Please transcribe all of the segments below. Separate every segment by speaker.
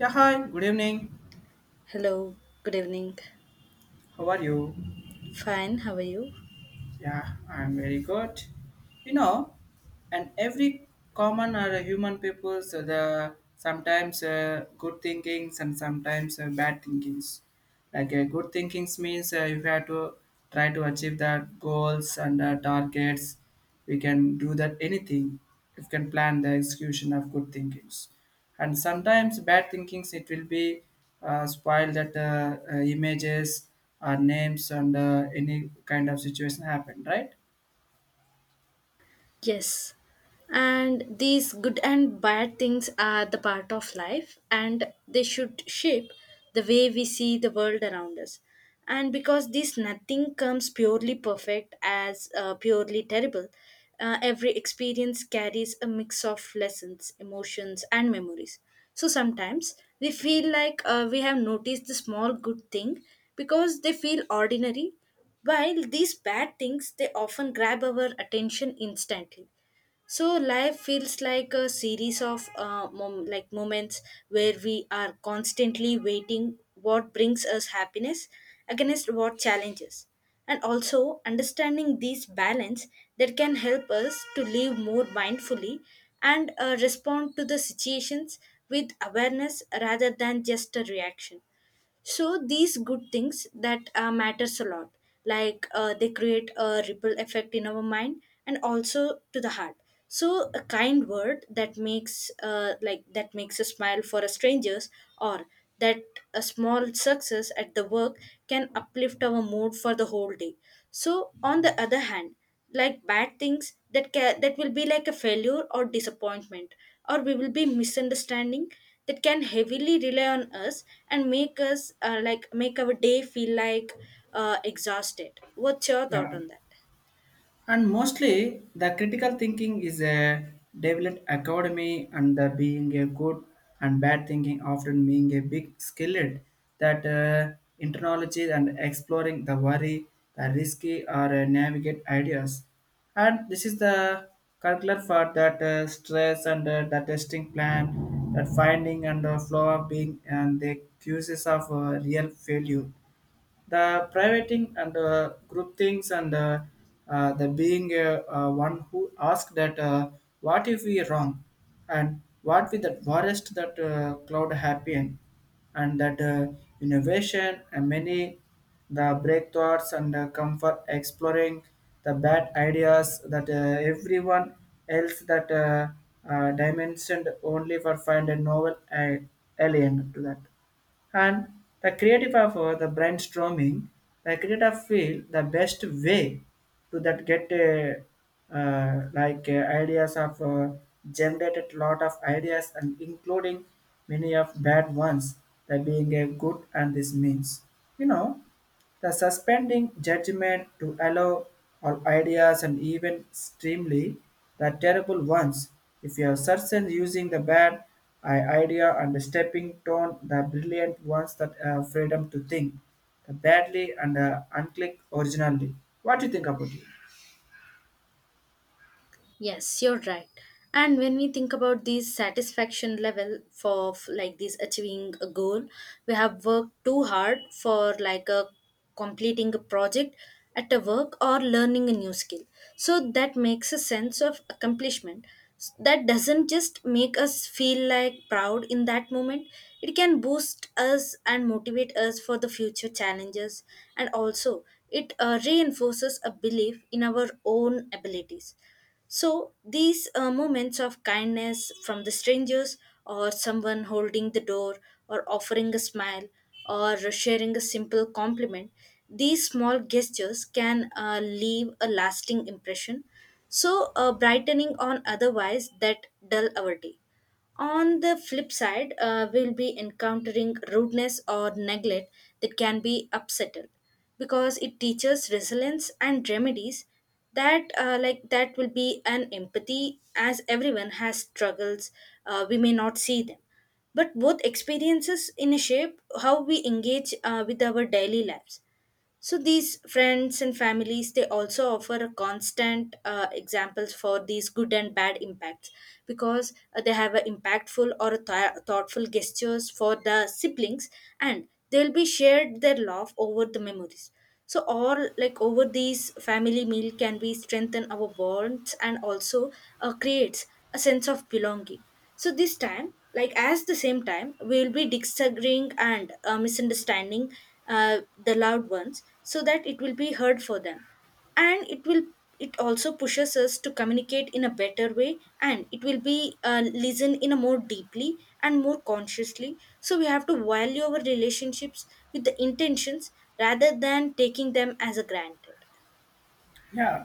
Speaker 1: Yeah, hi, good evening.
Speaker 2: Hello, good evening.
Speaker 1: How are you?
Speaker 2: Fine, how are you?
Speaker 1: Yeah, I'm very good. You know, and every common or a human people, so the sometimes good thinkings and sometimes bad thinkings. Like a good thinking means if we have to try to achieve that goals and targets, we can do that anything. If can plan the execution of good thinkings, and sometimes bad thinkings it will be spoiled that images or names and any kind of situation happen, right?
Speaker 2: Yes. And these good and bad things are the part of life and they should shape the way we see the world around us. And because this nothing comes purely perfect as purely terrible, every experience carries a mix of lessons, emotions, and memories. So sometimes we feel like we have noticed the small good thing because they feel ordinary. While these bad things, they often grab our attention instantly. So life feels like a series of like moments where we are constantly waiting what brings us happiness against what challenges. And also understanding these balance that can help us to live more mindfully and respond to the situations with awareness rather than just a reaction. So these good things that matters a lot, like they create a ripple effect in our mind and also to the heart. So a kind word that makes like that makes a smile for a strangers, or that a small success at the work can uplift our mood for the whole day. So on the other hand, like bad things that that will be like a failure or disappointment, or we will be misunderstanding, that can heavily rely on us and make us like make our day feel like exhausted. What's your thought
Speaker 1: Yeah.
Speaker 2: on that?
Speaker 1: And mostly, the critical thinking is a developed academy, and the being a good and bad thinking often being a big skillet that internalize and exploring the worry, the risky, or navigate ideas. And this is the curricular for that stress and the testing plan, that finding and the flow of being and the cues of real failure the privating and group things and the being one who asked that what if we wrong and what with that worst that cloud happen and that innovation and many the breakthroughs and come for exploring the bad ideas that everyone else that dimensioned only for find a novel alien to that and the creative of the brainstorming the creative feel the best way to that get ideas of generated lot of ideas and including many of bad ones that being a good and this means you know the suspending judgment to allow all ideas and even extremely the terrible ones. If your are certain using the bad idea and stepping down the brilliant ones that have freedom to think, the badly and unclick originally. What do you think about it?
Speaker 2: Yes, you're right. And when we think about these satisfaction level for like this achieving a goal, we have worked too hard for, like, a completing a project at a work or learning a new skill. So that makes a sense of accomplishment. That doesn't just make us feel like proud in that moment. It can boost us and motivate us for the future challenges. And also, it reinforces a belief in our own abilities. So, these moments of kindness from the strangers, or someone holding the door, or offering a smile, or sharing a simple compliment, these small gestures can leave a lasting impression. So, brightening on otherwise that dull our day. On the flip side, we'll be encountering rudeness or neglect that can be upsetting because it teaches resilience and remedies that like that will be an empathy as everyone has struggles. We may not see them, but both experiences in a shape how we engage with our daily lives. So these friends and families, they also offer a constant examples for these good and bad impacts, because they have a impactful or a thoughtful gestures for the siblings, and they'll be shared their love over the memories. So all, like, over these family meal can be strengthen our bonds and also creates a sense of belonging. So this time, like as the same time, we will be disagreeing and misunderstanding the loved ones, so that it will be heard for them, and it will, it also pushes us to communicate in a better way, and it will be listen in a more deeply and more consciously. So we have to value our relationships with the intentions rather than taking them as a granted.
Speaker 1: Yeah,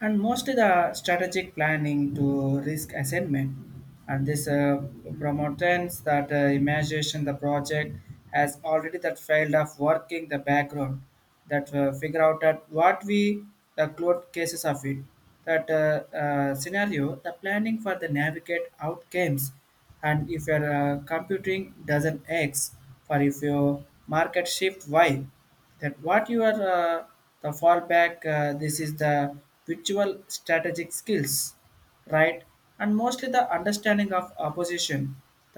Speaker 1: and mostly the strategic planning to risk assessment, and this promotes that imagination the project has already that failed of working the background that figure out that what we the cloud cases of it that scenario the planning for the navigate outcomes and if your computing doesn't x for if your market shift y that what you are the fallback this is the virtual strategic skills right and mostly the understanding of opposition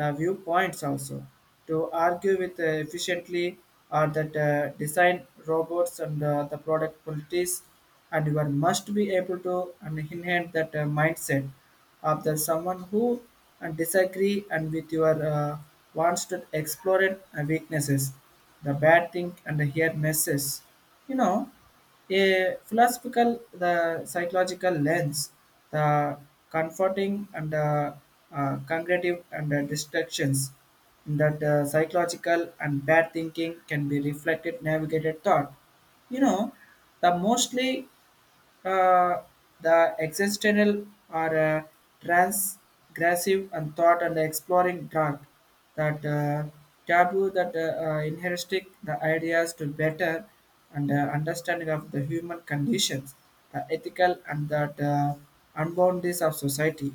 Speaker 1: the viewpoints also to argue with efficiently or that design robots and the product qualities and you are must be able to and enhance that mindset of the someone who and disagree and with your wants to explore it and weaknesses the bad thing and here messes you know a philosophical the psychological lens the comforting and cognitive and distractions that psychological and bad thinking can be reflected navigated thought you know the mostly uh, the existential are transgressive and thought and exploring dark that taboo that inheristic the ideas to better and understanding of the human conditions the ethical and that unboundedness of society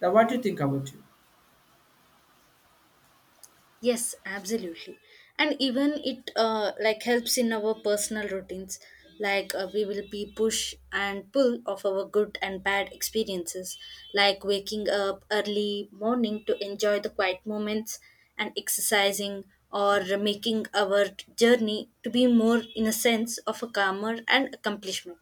Speaker 1: now what do you think about you.
Speaker 2: Yes, absolutely. And even it like helps in our personal routines. Like we will be push and pull of our good and bad experiences, like waking up early morning to enjoy the quiet moments and exercising, or making our journey to be more in a sense of a calmer and accomplishment.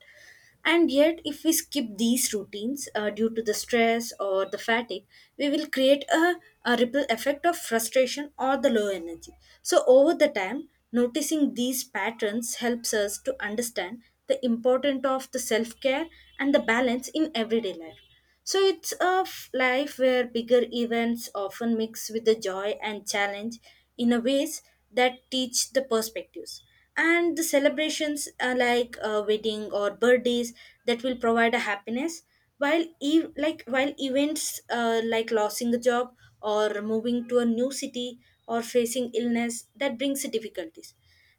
Speaker 2: And yet, if we skip these routines due to the stress or the fatigue, we will create a ripple effect of frustration or the low energy. So, over the time, noticing these patterns helps us to understand the importance of the self care and the balance in everyday life. So it's a life where bigger events often mix with the joy and challenge in a ways that teach the perspectives. And the celebrations are like a wedding or birthdays that will provide a happiness, while like while events like losing a job, or moving to a new city, or facing illness that brings difficulties,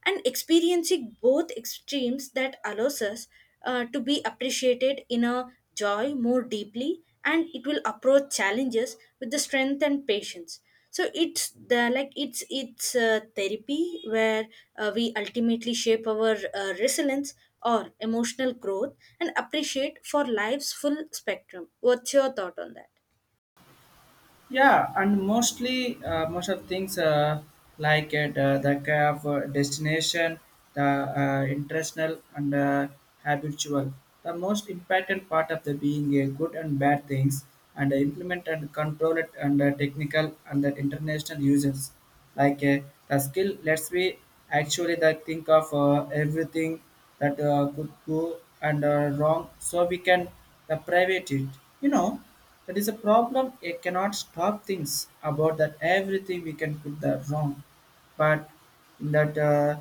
Speaker 2: and experiencing both extremes that allows us to be appreciated in a joy more deeply, and it will approach challenges with the strength and patience. So it's the, like, it's therapy where we ultimately shape our resilience or emotional growth and appreciate for life's full spectrum. What's your thought on that?
Speaker 1: Yeah, and mostly most of things like at the kind of destination, the international and habitual. The most important part of the being a good and bad things and implement and control it and technical and the international users like the skill lets me actually that think of everything that could go and wrong so we can private it you know that is a problem it cannot stop things about that everything we can put the wrong but that uh,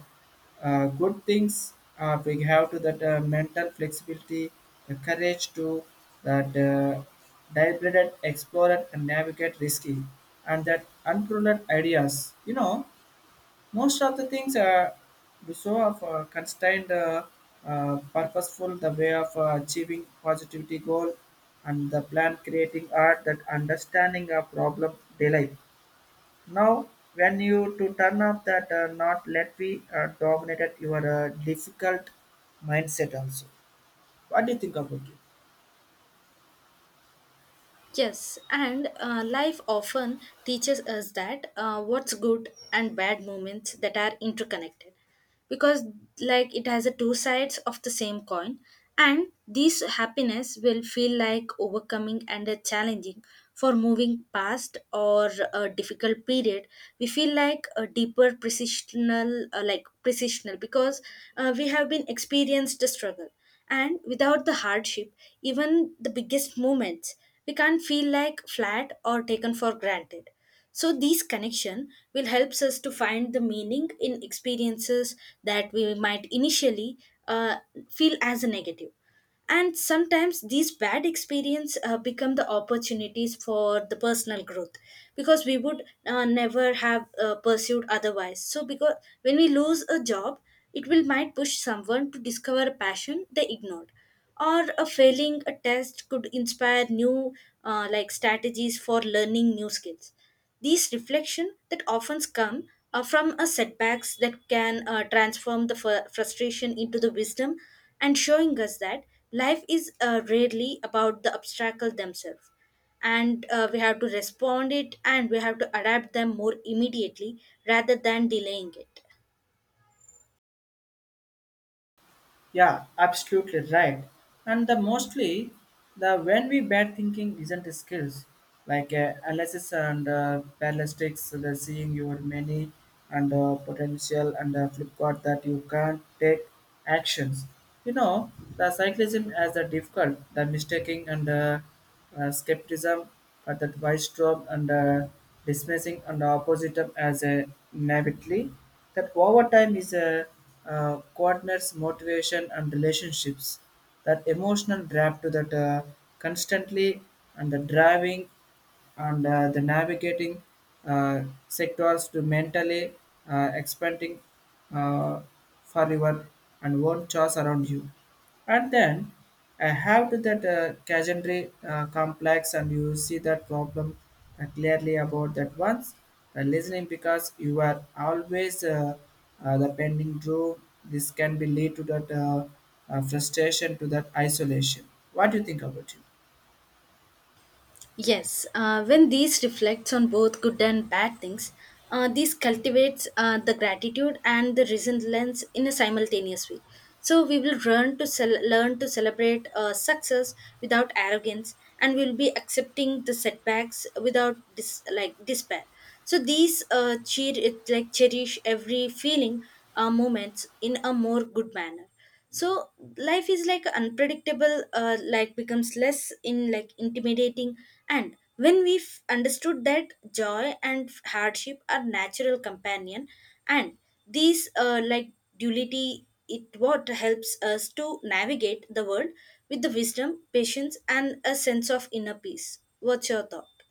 Speaker 1: uh, good things we have to that mental flexibility, the courage to that deliberate explore and navigate risky, and that unproven ideas. You know, most of the things are so of constrained, purposeful, the way of achieving positivity goal, and the plan creating art that understanding a problem delight now, when you to turn off that not let be dominated your difficult mindset also. What do you think about it?
Speaker 2: Yes, and life often teaches us that what's good and bad moments that are interconnected, because like it has a two sides of the same coin, and this happiness will feel like overcoming and a challenging for moving past or a difficult period. We feel like a deeper precisional, precisional because we have been experienced the struggle. And without the hardship, even the biggest moments, we can't feel like flat or taken for granted. So these connection will helps us to find the meaning in experiences that we might initially uh, feel as a negative. And sometimes these bad experience become the opportunities for the personal growth, because we would never have pursued otherwise. So because when we lose a job, it will might push someone to discover a passion they ignored, or a failing a test could inspire new like strategies for learning new skills. These reflection that often come from a setbacks that can transform the frustration into the wisdom, and showing us that life is rarely about the obstacle themselves, and we have to respond it, and we have to adapt them more immediately rather than delaying it.
Speaker 1: Yeah, absolutely right. And the mostly the when we bad thinking isn't a skills like analysis and ballistics, so the seeing your many and potential and flip card that you can't take actions. You know the cyclism as a difficult, the mistaking and skepticism, but the wise drop and dismissing and the opposite up as a naively that over time is a coordinates motivation and relationships that emotional drive to that constantly and the driving and the navigating uh, sectors to mentally expanding uh, for your and own choice around you. And then I have to that category complex and you see that problem clearly about that once the listening because you are always the pending drew this can be lead to that frustration to that isolation. What do you think about it?
Speaker 2: Yes, when these reflects on both good and bad things, these cultivates the gratitude and the resilience in a simultaneous way. So we will learn to learn to celebrate success without arrogance, and we'll be accepting the setbacks without like despair. So these cheer it like cherish every feeling moments in a more good manner. So life is like unpredictable, like becomes less in like intimidating. And when we've understood that joy and hardship are natural companion, and these like duality it what helps us to navigate the world with the wisdom patience and a sense of inner peace. What's your thought?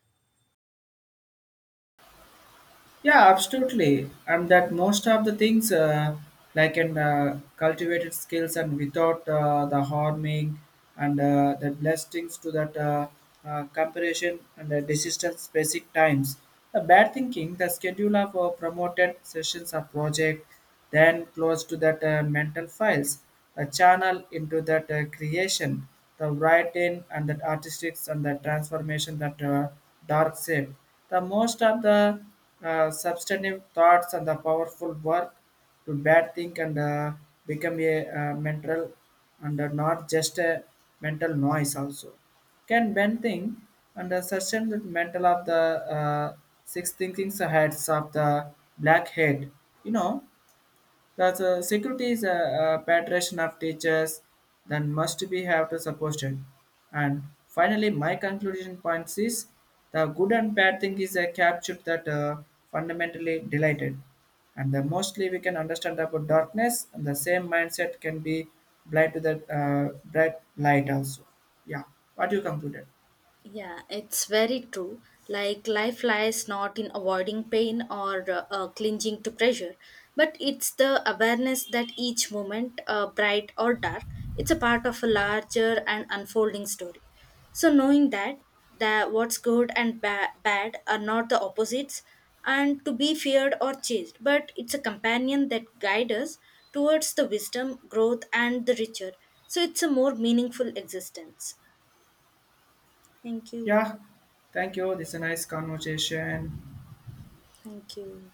Speaker 1: Yeah, absolutely. And that most of the things like in cultivated skills and without the harming and the blessings to that comparison and the desistance basic times. The bad thinking, the schedule of promoted sessions of project then close to that mental files, the channel into that creation, the writing and the artistics and the transformation that dark side. The most of the substantive thoughts and the powerful work to bad think and become a mental and not just a mental noise also can bend thing and sustain the mental of the uh, six thinkings heads of the black head you know that's security is a patron of teachers, then must be have to support it. And finally, my conclusion points is the good and bad thing is a capture that fundamentally delighted, and the mostly we can understand about darkness, and the same mindset can be blind to the bright light also. Yeah, what you concluded?
Speaker 2: Yeah, it's very true. Like life lies not in avoiding pain or clinging to pressure, but it's the awareness that each moment, bright or dark, it's a part of a larger and unfolding story. So knowing that that what's good and bad are not the opposites and to be feared or chased, but it's a companion that guides us towards the wisdom, growth, and the richer. So it's a more meaningful existence. Thank you.
Speaker 1: Yeah, thank you. This is a nice conversation.
Speaker 2: Thank you.